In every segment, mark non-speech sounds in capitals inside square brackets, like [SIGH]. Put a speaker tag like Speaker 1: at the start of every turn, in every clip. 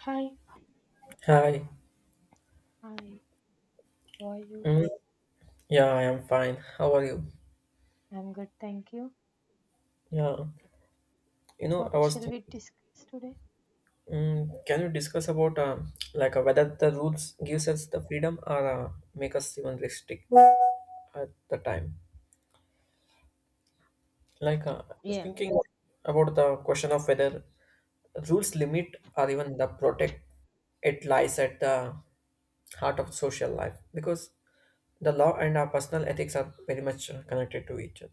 Speaker 1: Hi,
Speaker 2: Hi.
Speaker 1: hi, how are you?
Speaker 2: Mm, yeah, I am fine. How are you?
Speaker 1: I'm good, thank you.
Speaker 2: Yeah. You know, I
Speaker 1: What
Speaker 2: was
Speaker 1: shall we
Speaker 2: thinking,
Speaker 1: discuss today?
Speaker 2: can you discuss about like whether the rules gives us the freedom or make us even restrict at the time? Like I was
Speaker 1: Yeah,
Speaker 2: thinking about the question of whether rules limit or even the protect. It lies at the heart of social life because the law and our personal ethics are very much connected to each other.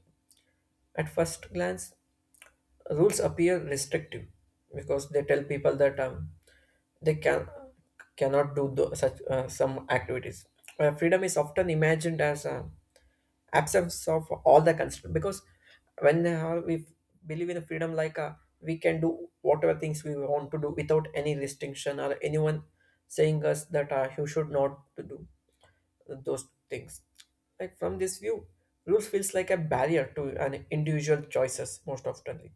Speaker 2: At first glance, rules appear restrictive because they tell people that they cannot do such some activities. Freedom is often imagined as absence of all the constraints because we believe in freedom, like we can do whatever things we want to do without any restriction or anyone saying us that you should not to do those things. Like from this view, rules feels like a barrier to an individual choices most often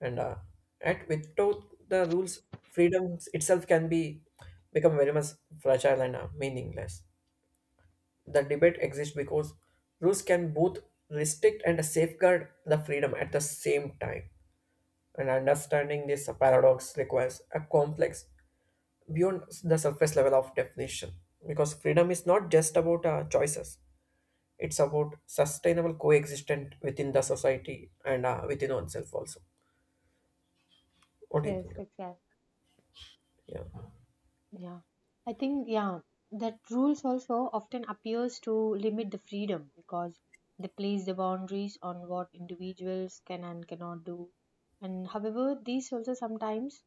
Speaker 2: and at without the rules freedom itself can be become very much fragile and meaningless the debate exists because rules can both restrict and safeguard the freedom at the same time and understanding this paradox requires a complex beyond the surface level of definition because freedom is not just about choices it's about sustainable coexistence within the society and within oneself also what do you
Speaker 1: yes,
Speaker 2: think
Speaker 1: exactly.
Speaker 2: yeah
Speaker 1: Yeah, I think that rules also often appears to limit the freedom because they place the boundaries on what individuals can and cannot do. And however, these also sometimes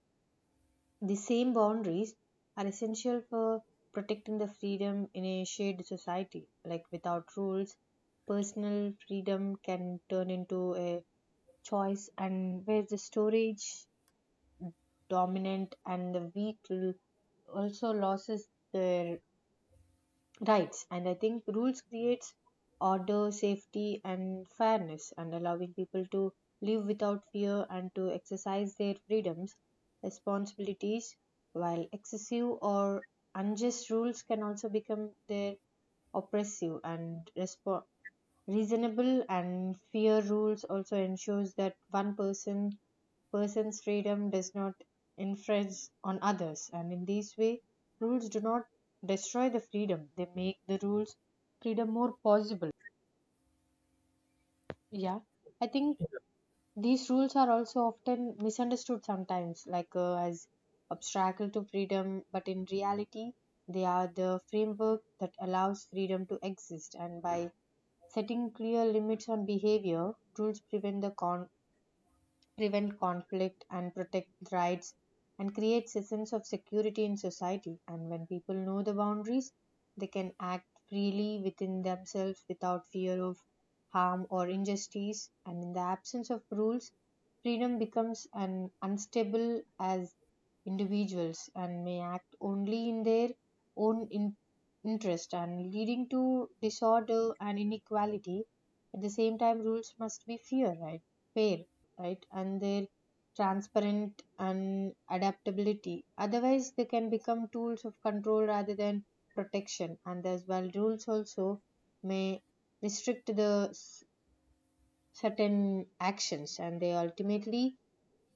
Speaker 1: the same boundaries are essential for protecting the freedom in a shared society. Like without rules, personal freedom can turn into a choice, and where the storage dominant and the also loses their rights. And I think rules creates order, safety and fairness, and allowing people to live without fear and to exercise their freedoms responsibilities, while excessive or unjust rules can also become their oppressive and reasonable and fair rules also ensures that one person's freedom does not infringe on others. And in this way, rules do not destroy the freedom, they make the rules freedom more possible. Yeah, I think these rules are also often misunderstood sometimes, like as obstacle to freedom, but in reality they are the framework that allows freedom to exist. And by setting clear limits on behavior, rules prevent conflict and protect rights, and creates a sense of security in society. And when people know the boundaries, they can act freely within themselves without fear of harm or injustice. And in the absence of rules, freedom becomes an unstable as individuals and may act only in their own in- interest, and leading to disorder and inequality. At the same time, rules must be fair, right, and their transparent and adaptability, otherwise they can become tools of control rather than protection. And as well, rules also may restrict the certain actions, and they ultimately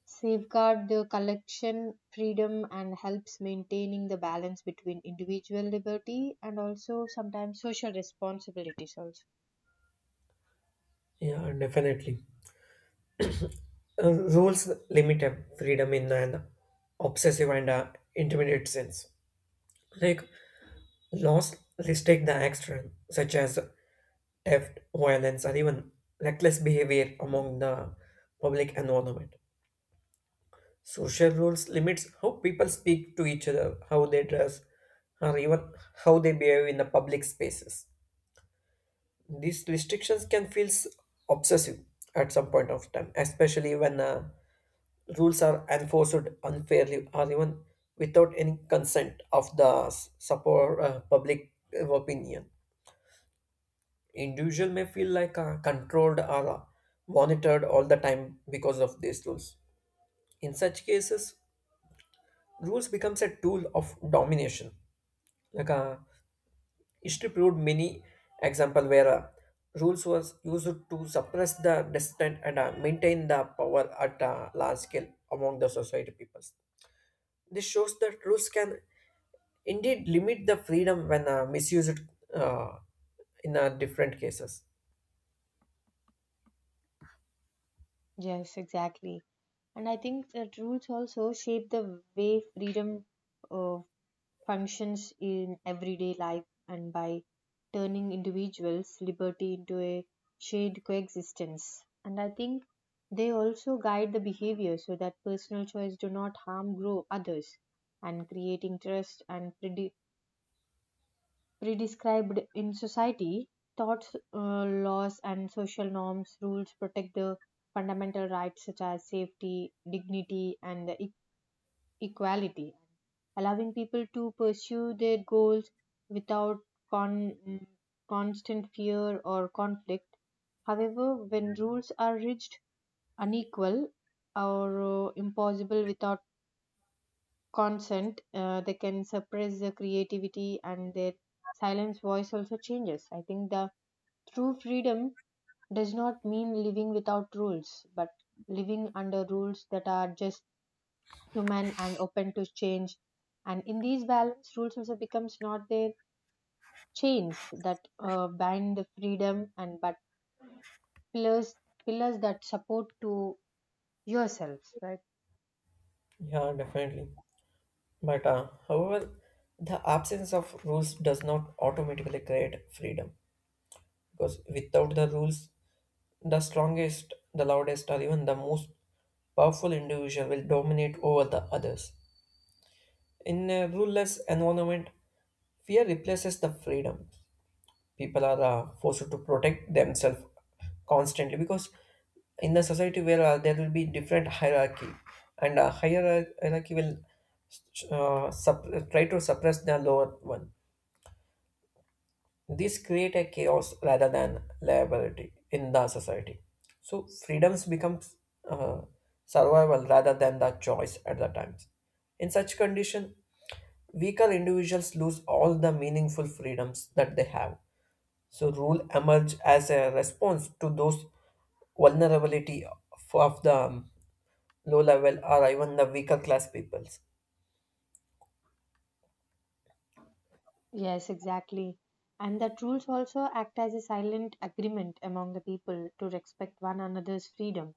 Speaker 1: safeguard the collection freedom and helps maintaining the balance between individual liberty and also sometimes social responsibilities also.
Speaker 2: yeah definitely. Rules limit freedom in an obsessive and intermediate sense. Like laws restrict the action, such as theft, violence, or even reckless behavior among the public environment. Social rules limits how people speak to each other, how they dress, or even how they behave in the public spaces. These restrictions can feel obsessive at some point of time, especially when rules are enforced unfairly or even without any consent of the support public opinion. Individual may feel like controlled or monitored all the time because of these rules. In such cases, rules becomes a tool of domination. Like history proved many example where rules was used to suppress the dissent and maintain the power at a large scale among the society peoples. This shows that rules can indeed limit the freedom when misused uh, in different cases.
Speaker 1: Yes, exactly. And I think that rules also shape the way freedom uh, functions in everyday life, and by turning individuals' liberty into a shared coexistence. And I think they also guide the behavior so that personal choice do not harm grow others, and creating trust and predi- pre in society, thoughts, laws, and social norms rules protect the fundamental rights such as safety, dignity, and equality, allowing people to pursue their goals without con- mm, constant fear or conflict. However, when rules are rigid, unequal, or impossible without consent, they can suppress the creativity and their silence voice also changes. I think the true freedom does not mean living without rules, but living under rules that are just, human, and open to change. And in these balance, rules also becomes not their chains that bind the freedom, and but pillars pillars that support to yourself, right?
Speaker 2: Yeah, definitely. But however, the absence of rules does not automatically create freedom because without the rules, the strongest, the loudest, or even the most powerful individual will dominate over the others. In a ruleless environment, fear replaces the freedom. People are forced to protect themselves constantly because in the society where there will be different hierarchy and higher hierarchy will uh, sup- try to suppress the lower one this create a chaos rather than liability in the society so freedoms becomes uh, survival rather than the choice at the times in such condition weaker individuals lose all the meaningful freedoms that they have so rule emerge as a response to those vulnerability of the low level or even the weaker class peoples.
Speaker 1: Yes, exactly. And that rules also act as a silent agreement among the people to respect one another's freedom,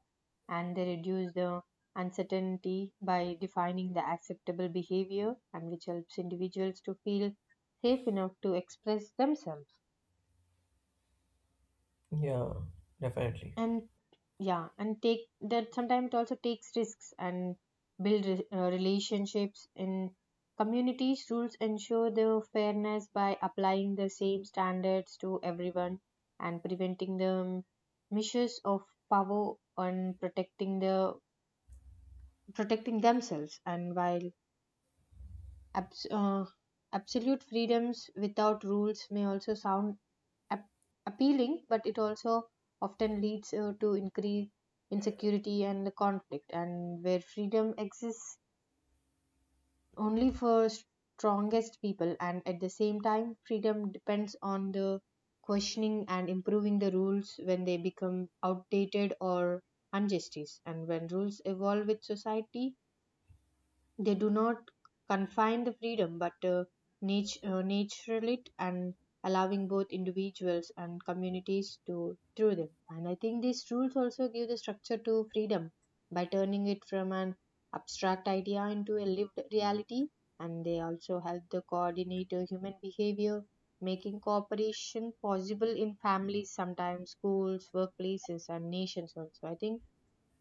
Speaker 1: and they reduce the uncertainty by defining the acceptable behavior, and which helps individuals to feel safe enough to express themselves.
Speaker 2: Yeah, definitely.
Speaker 1: And yeah, and take that sometimes it also takes risks and build relationships in communities. Rules ensure the fairness by applying the same standards to everyone, and preventing the misuse of power, and protecting themselves. And while abs- uh, absolute freedoms without rules may also sound ap- appealing, but it also often leads to increased insecurity and conflict, and where freedom exists only for strongest people. And at the same time, freedom depends on the questioning and improving the rules when they become outdated or injustice. And when rules evolve with society, they do not confine the freedom, but natural it, and allowing both individuals and communities to through them. And I think these rules also give the structure to freedom by turning it from an abstract idea into a lived reality. And they also help the coordinate human behavior, making cooperation possible in families, sometimes schools, workplaces, and nations also. I think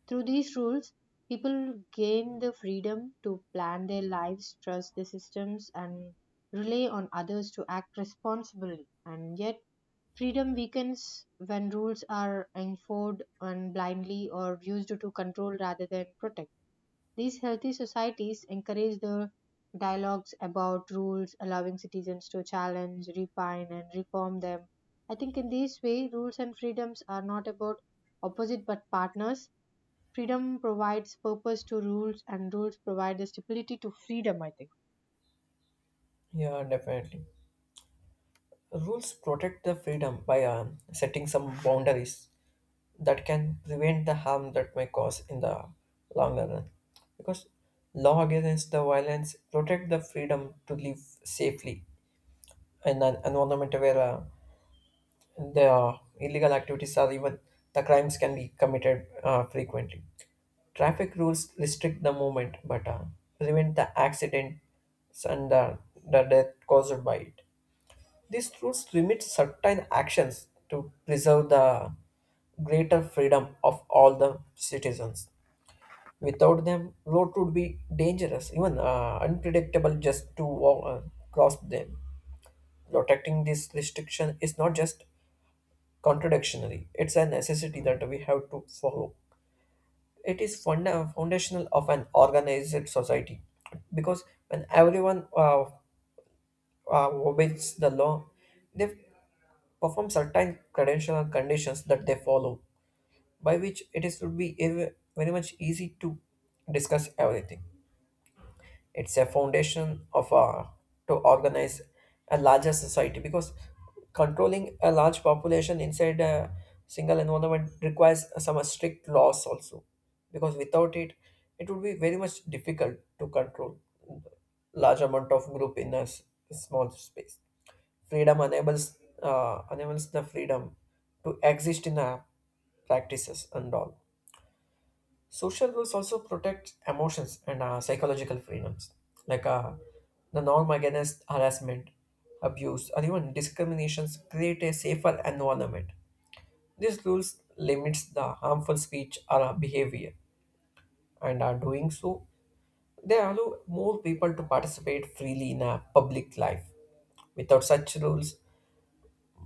Speaker 1: through these rules, people gain the freedom to plan their lives, trust the systems, and rely on others to act responsibly. And yet, freedom weakens when rules are enforced and blindly or used to control rather than protect. These healthy societies encourage the dialogues about rules, allowing citizens to challenge, refine, and reform them. I think in this way, rules and freedoms are not about opposite but partners. Freedom provides purpose to rules, and rules provide the stability to freedom, I think.
Speaker 2: Yeah, definitely. Rules protect the freedom by setting some boundaries that can prevent the harm that may cause in the longer run. Because law against the violence protect the freedom to live safely in an environment where the illegal activities or even the crimes can be committed frequently. Traffic rules restrict the movement but prevent the accidents and the death caused by it. These rules limit certain actions to preserve the greater freedom of all the citizens. Without them, road would be dangerous, even unpredictable just to walk, cross them. Protecting this restriction is not just contradictionary. It's a necessity that we have to follow. It is foundational of an organized society because when everyone obeys the law, they perform certain credential and conditions that they follow, by which it is would be very much easy to discuss everything. It's a foundation of a, to organize a larger society because controlling a large population inside a single environment requires some strict laws also because without it it would be very much difficult to control large amount of group in a small space freedom enables enables the freedom to exist in a practices and all. Social rules also protect emotions and psychological freedoms, like the norm against harassment, abuse, or even discriminations create a safer environment. These rules limits the harmful speech or behavior, and are doing so, they allow more people to participate freely in a public life. Without such rules,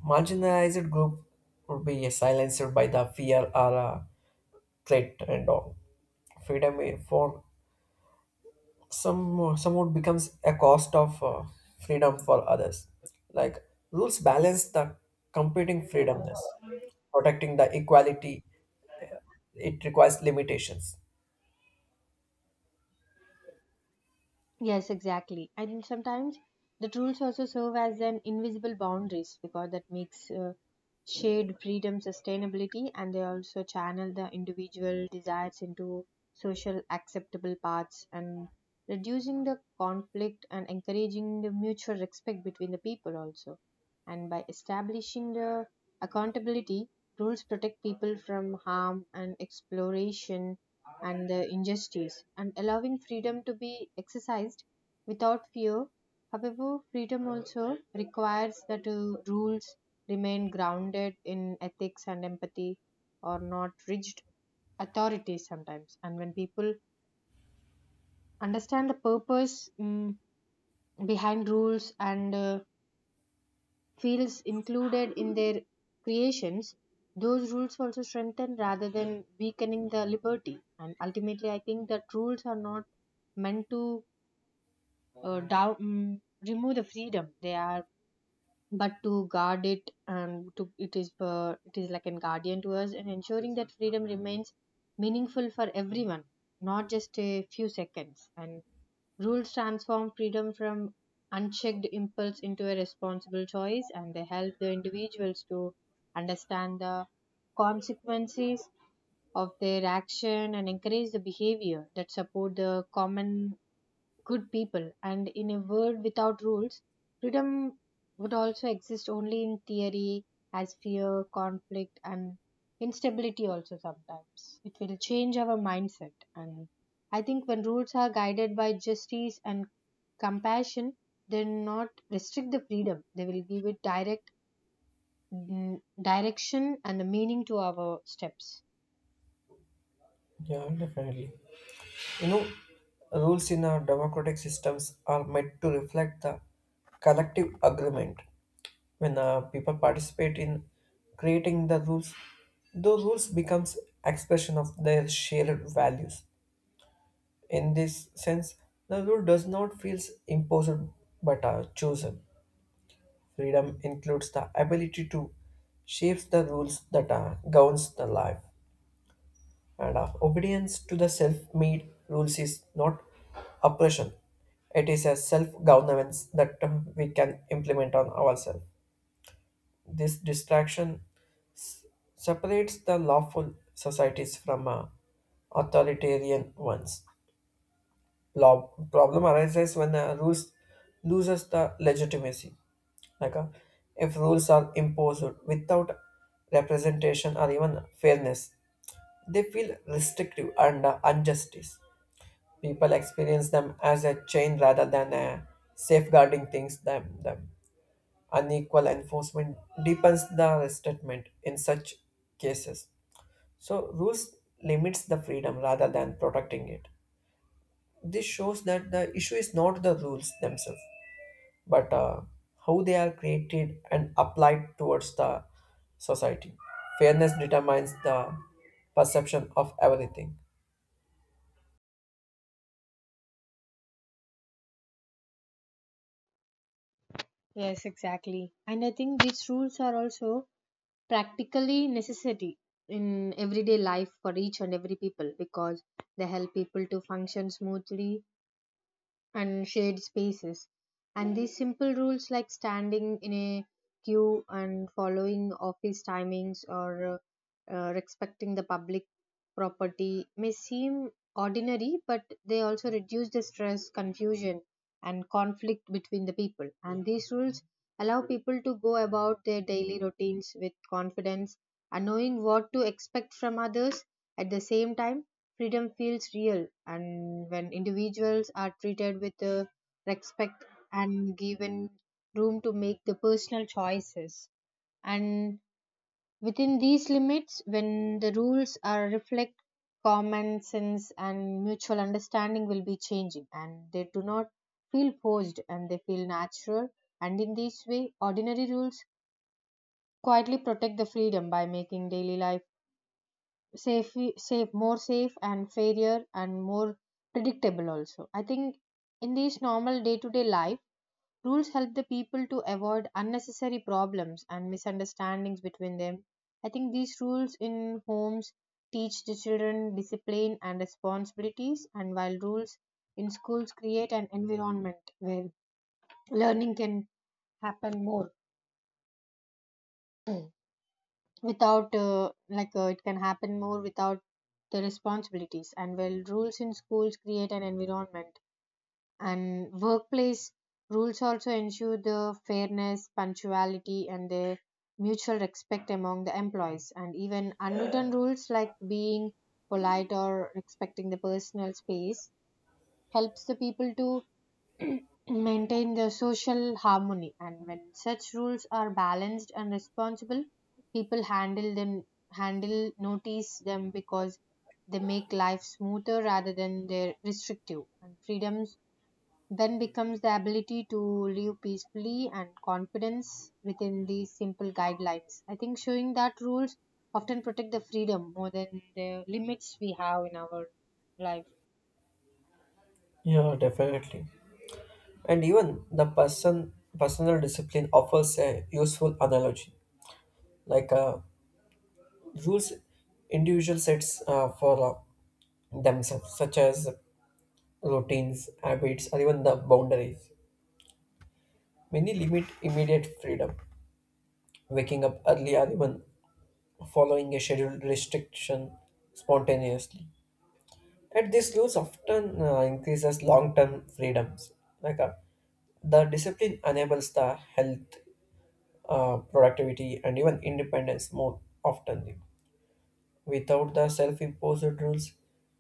Speaker 2: marginalized group would be silenced by the fear or threat and all freedom from some somewhat becomes a cost of freedom for others like rules balance the competing freedomness protecting the equality it requires limitations
Speaker 1: Yes, exactly. And sometimes the rules also serve as an invisible boundaries because that makes shared freedom sustainability, and they also channel the individual desires into social acceptable paths, and reducing the conflict and encouraging the mutual respect between the people also. And by establishing the accountability, rules protect people from harm and exploration and the injustice, and allowing freedom to be exercised without fear. However, freedom also requires that rules remain grounded in ethics and empathy, or not rigid authority sometimes. And when people understand the purpose behind rules, and feels included in their creations, those rules also strengthen rather than weakening the liberty. And ultimately, I think that rules are not meant to uh, down, mm, remove the freedom, they are but to guard it, and to it is like a guardian to us, and ensuring that freedom remains meaningful for everyone, not just a few seconds. And rules transform freedom from unchecked impulse into a responsible choice, and they help the individuals to understand the consequences of their action, and encourage the behavior that support the common good people. And in a world without rules, freedom would also exist only in theory as fear, conflict, and instability, also sometimes. It will change our mindset. And I think when rules are guided by justice and compassion, they not restrict the freedom, they will give it direction and a meaning to our steps.
Speaker 2: yeah definitely you know rules in our democratic systems are meant to reflect the collective agreement when people participate in creating the rules those rules becomes expression of their shared values. In this sense, the rule does not feel imposed but are chosen. Freedom includes the ability to shape the rules that are, governs the life, and our obedience to the self-made rules is not oppression. It is a self-governance that we can implement on ourselves. This distraction s- separates the lawful societies from authoritarian ones. Law problem arises when rules loses the legitimacy. Like if rules are imposed without representation or even fairness, they feel restrictive and injustice. People experience them as a chain rather than a safeguarding things them. Unequal enforcement deepens the resentment in such cases. So rules limits the freedom rather than protecting it. This shows that the issue is not the rules themselves, but how they are created and applied towards the society. Fairness determines the perception of everything.
Speaker 1: Yes, exactly. And I think these rules are also practically necessity in everyday life for each and every people, because they help people to function smoothly and shared spaces. And these simple rules like standing in a queue and following office timings, or respecting the public property may seem ordinary, but they also reduce the stress, confusion, and conflict between the people. And these rules allow people to go about their daily routines with confidence and knowing what to expect from others. At the same time, freedom feels real, and when individuals are treated with respect and given room to make the personal choices, and within these limits, when the rules are reflect common sense and mutual understanding will be changing, and they do not feel forced and they feel natural. And in this way, ordinary rules quietly protect the freedom by making daily life safe, more safe and fairer and more predictable also. I think in this normal day-to-day life, rules help the people to avoid unnecessary problems and misunderstandings between them. I think these rules in homes teach the children discipline and responsibilities, and while rules in schools create an environment where learning can happen more. Without it can happen more without the responsibilities, and well rules in schools create an environment, and workplace rules also ensure the fairness, punctuality and the mutual respect among the employees. And even unwritten rules like being polite or respecting the personal space helps the people to [CLEARS THROAT] maintain the social harmony. And when such rules are balanced and responsible, people handle notice them because they make life smoother rather than they're restrictive. And freedoms then becomes the ability to live peacefully and confidence within these simple guidelines. I think showing that rules often protect the freedom more than the limits we have in our life.
Speaker 2: Yeah, definitely. And even the personal discipline offers a useful analogy, like rules individual sets for themselves, such as routines, habits, or even the boundaries. Many limit immediate freedom, waking up early or even following a scheduled restriction spontaneously. And this, rules often increases long-term freedoms. Like the discipline enables the health, productivity, and even independence more often. Without the self-imposed rules,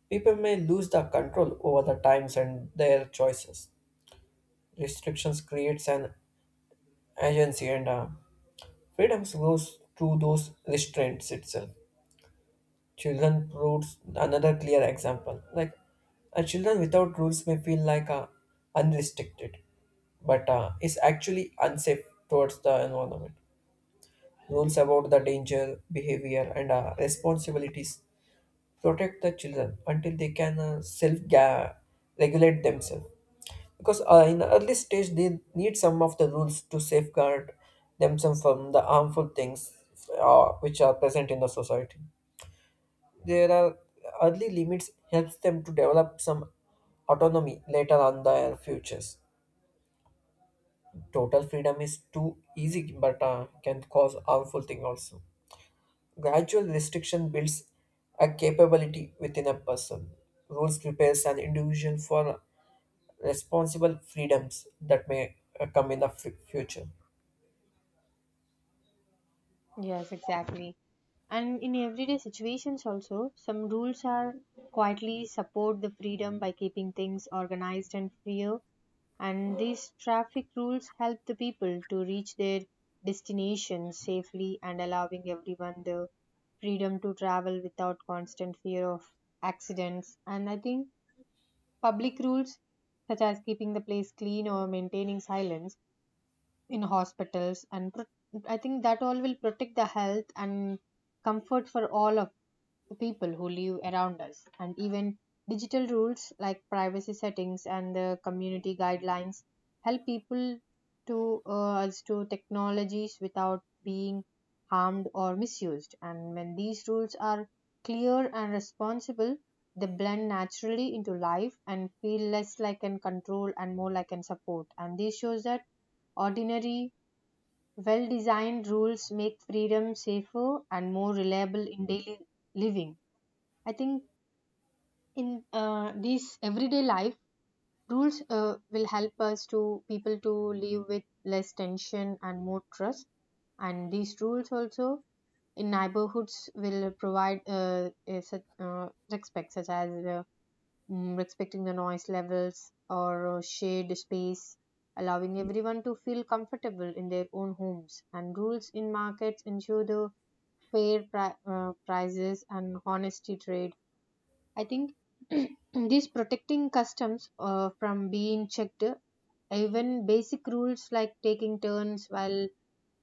Speaker 2: people may lose the control over the times and their choices. Restrictions creates an agency, and freedoms grows through those restraints itself. Children rules another clear example. Like a children without rules may feel like unrestricted, but is actually unsafe towards the environment. Rules about the danger, behavior, and responsibilities protect the children until they can regulate themselves. Because in early stage they need some of the rules to safeguard themselves from the harmful things which are present in the society. There are early limits helps them to develop some autonomy later on their futures. Total freedom is too easy, but can cause harmful thing also. Gradual restriction builds a capability within a person. Rules prepares an individual for responsible freedoms that may come in the future.
Speaker 1: Yes, exactly. And in everyday situations, also, some rules are quietly support the freedom by keeping things organized and fair. And these traffic rules help the people to reach their destination safely, and allowing everyone the freedom to travel without constant fear of accidents. And I think public rules, such as keeping the place clean or maintaining silence, in hospitals and I think that all will protect the health and comfort for all of the people who live around us. And even digital rules like privacy settings and the community guidelines help people to us to technologies without being harmed or misused. And when these rules are clear and responsible, they blend naturally into life and feel less like an control and more like an support. And this shows that ordinary, well designed rules make freedom safer and more reliable in daily living. I think in this everyday life, rules will help us to people to live with less tension and more trust. And these rules also in neighborhoods will provide a such, respect, such as respecting the noise levels or shade space, allowing everyone to feel comfortable in their own homes. And rules in markets ensure the prices and honesty trade. I think [CLEARS THROAT] these protecting customs from being checked, even basic rules like taking turns while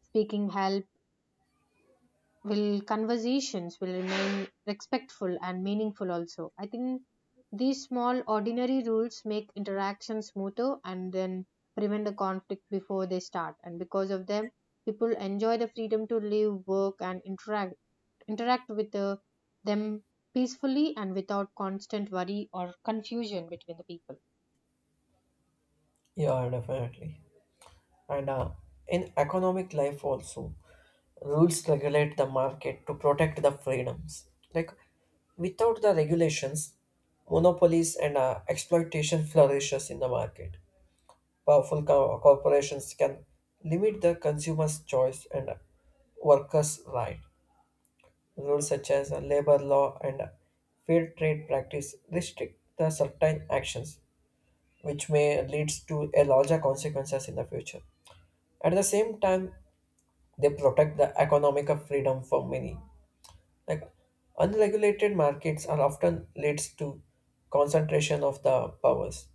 Speaker 1: speaking help will conversations will remain respectful and meaningful. Also, I think these small ordinary rules make interactions smoother and then prevent the conflict before they start, and because of them people enjoy the freedom to live, work, and interact with them peacefully and without constant worry or confusion between the people.
Speaker 2: Yeah, definitely. And in economic life also rules regulate the market to protect the freedoms like without the regulations monopolies and exploitation flourishes in the market powerful corporations can limit the consumer's choice and workers right rules such as labor law and fair trade practice restrict the certain actions which may leads to a larger consequences in the future at the same time they protect the economic of freedom for many. Like unregulated markets are often leads to concentration of the powers.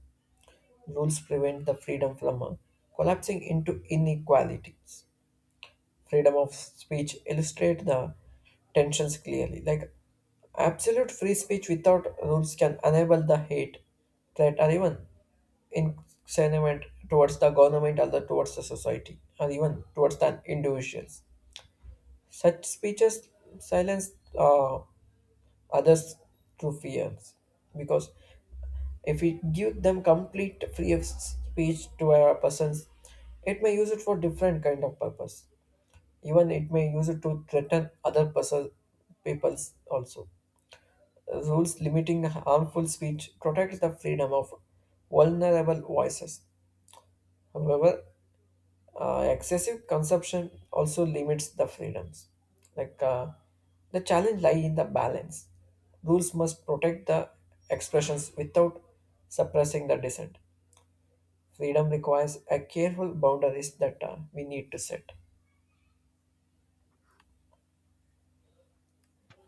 Speaker 2: Rules prevent the freedom from collapsing into inequalities. Freedom of speech illustrate the tensions clearly. Like absolute free speech without rules can enable the hate, threat, or even incensement towards the government or the, towards the society, or even towards the individuals. Such speeches silence uh, others through fears because if we give them complete free of speech to a person, it may use it for different kind of purpose. Even it may use it to threaten other person, peoples also. Rules limiting harmful speech protects the freedom of vulnerable voices. However, excessive consumption also limits the freedoms. Like the challenge lie in the balance. Rules must protect the expressions without suppressing the dissent. Freedom requires a careful boundaries that we need to set.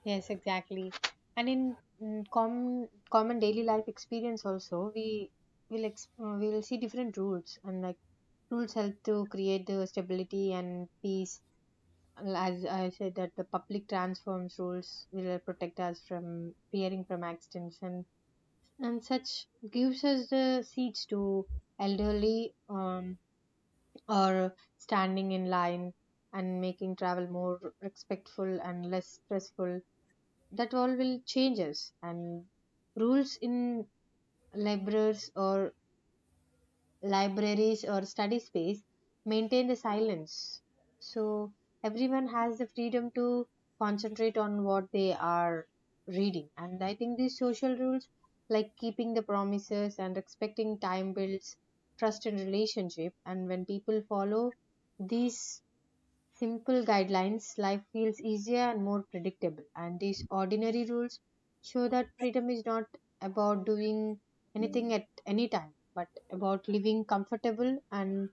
Speaker 1: Yes, exactly. And in common daily life experience also we we will see different rules, and like, rules help to create the stability and peace. Well, as I said, that the public transforms rules will protect us from fearing from accidents, and such gives us the seats to elderly, or standing in line, and making travel more respectful and less stressful. That all will change us. And rules in libraries or libraries or study space maintain the silence, so everyone has the freedom to concentrate on what they are reading. And I think these social rules, like keeping the promises and respecting time, builds trust in relationship. And when people follow these simple guidelines, life feels easier and more predictable. And these ordinary rules show that freedom is not about doing anything at any time, but about living comfortable and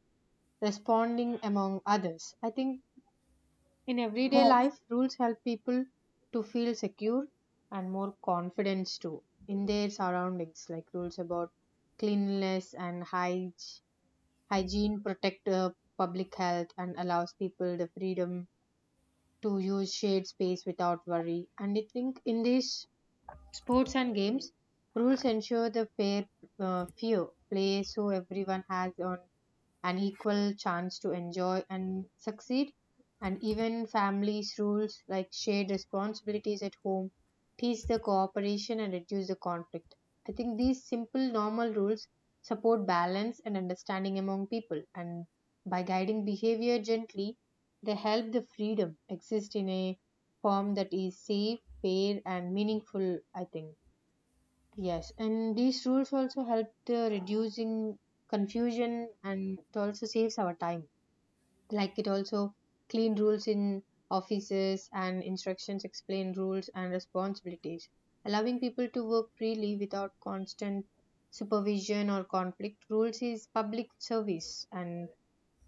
Speaker 1: responding among others. I think in everyday life, rules help people to feel secure and more confidence too in their surroundings, like rules about cleanliness and hygiene protect public health and allows people the freedom to use shared space without worry. And I think in this, sports and games rules ensure the fair play so everyone has on an equal chance to enjoy and succeed. And even families' rules like shared responsibilities at home teach the cooperation and reduce the conflict. I think these simple, normal rules support balance and understanding among people, and by guiding behavior gently, they help the freedom exist in a form that is safe, fair, and meaningful, I think. Yes, and these rules also help the reducing confusion, and it also saves our time. Like, it also, clean rules in offices and instructions explain rules and responsibilities, allowing people to work freely without constant supervision or conflict. Rules is public service, and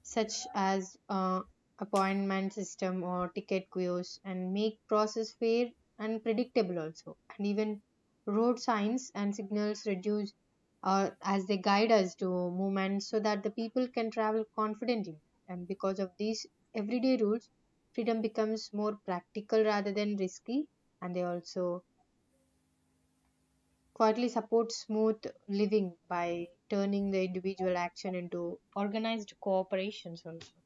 Speaker 1: such as appointment system or ticket queues, and make process fair and predictable also. And even road signs and signals reduce, as they guide us to movement, so that the people can travel confidently. And because of these everyday rules, freedom becomes more practical rather than risky, and they also quietly support smooth living by turning the individual action into organized cooperations also.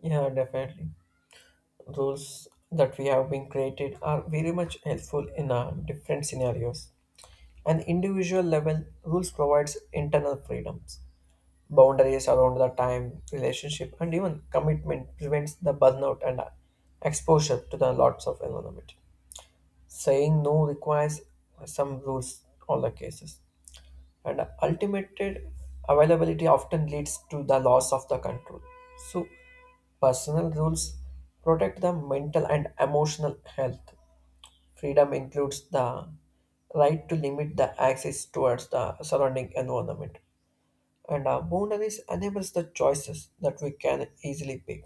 Speaker 2: Yeah, definitely. Rules that we have been created are very much helpful in different scenarios. An individual level rules provides internal freedoms. Boundaries around the time, relationship, and even commitment prevents the burnout and exposure to the lots of environment. Saying no requires some rules all the cases, and ultimate availability often leads to the loss of the control. So, personal rules protect the mental and emotional health. Freedom includes the right to limit the access towards the surrounding environment and our boundaries enables the choices that we can easily pick.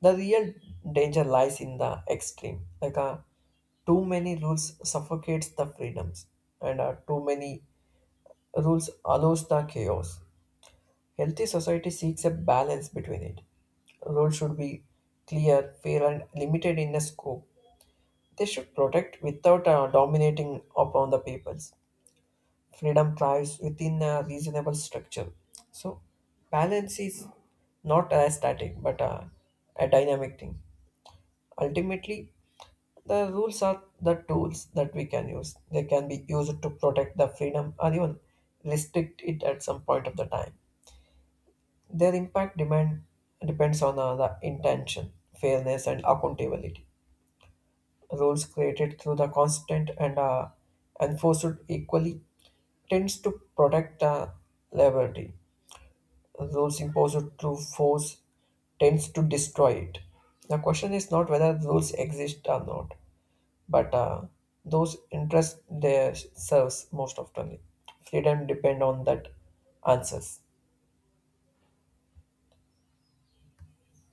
Speaker 2: The real danger lies in the extreme, like too many rules suffocates the freedoms, and too many rules allows the chaos. Healthy society seeks a balance between it. Rules should be clear, fair, and limited in the scope. They should protect without dominating upon the peoples. Freedom thrives within a reasonable structure. So, balance is not a static but a dynamic thing. Ultimately, the rules are the tools that we can use. They can be used to protect the freedom or even restrict it at some point of the time. Their impact demand depends on the intention, fairness, and accountability. Rules created through the constant and enforced equally tends to protect the liberty rules imposed through force tends to destroy it. The question is not whether rules exist or not, but those interest they serves most often. Freedom depend on that answers.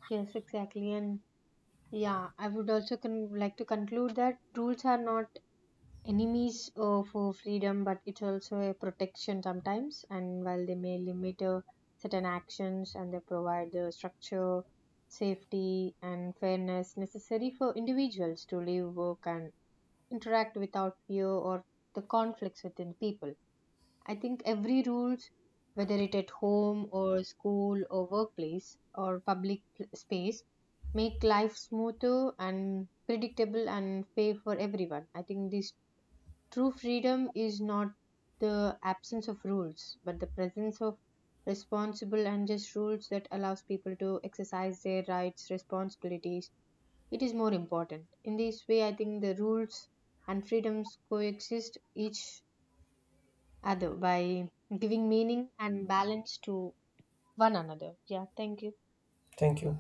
Speaker 1: Yes, exactly. And yeah, I would also like to conclude that rules are not enemies for freedom, but it's also a protection sometimes. And while they may limit certain actions, and they provide the structure, safety, and fairness necessary for individuals to live, work, and interact without fear or the conflicts within people. I think every rules, whether it at home or school or workplace or space, make life smoother and predictable and fair for everyone. I think this true freedom is not the absence of rules, but the presence of responsible and just rules that allows people to exercise their rights, responsibilities. It is more important. In this way, I think the rules and freedoms coexist each other by giving meaning and balance to one another. Yeah, thank you.
Speaker 2: Thank you.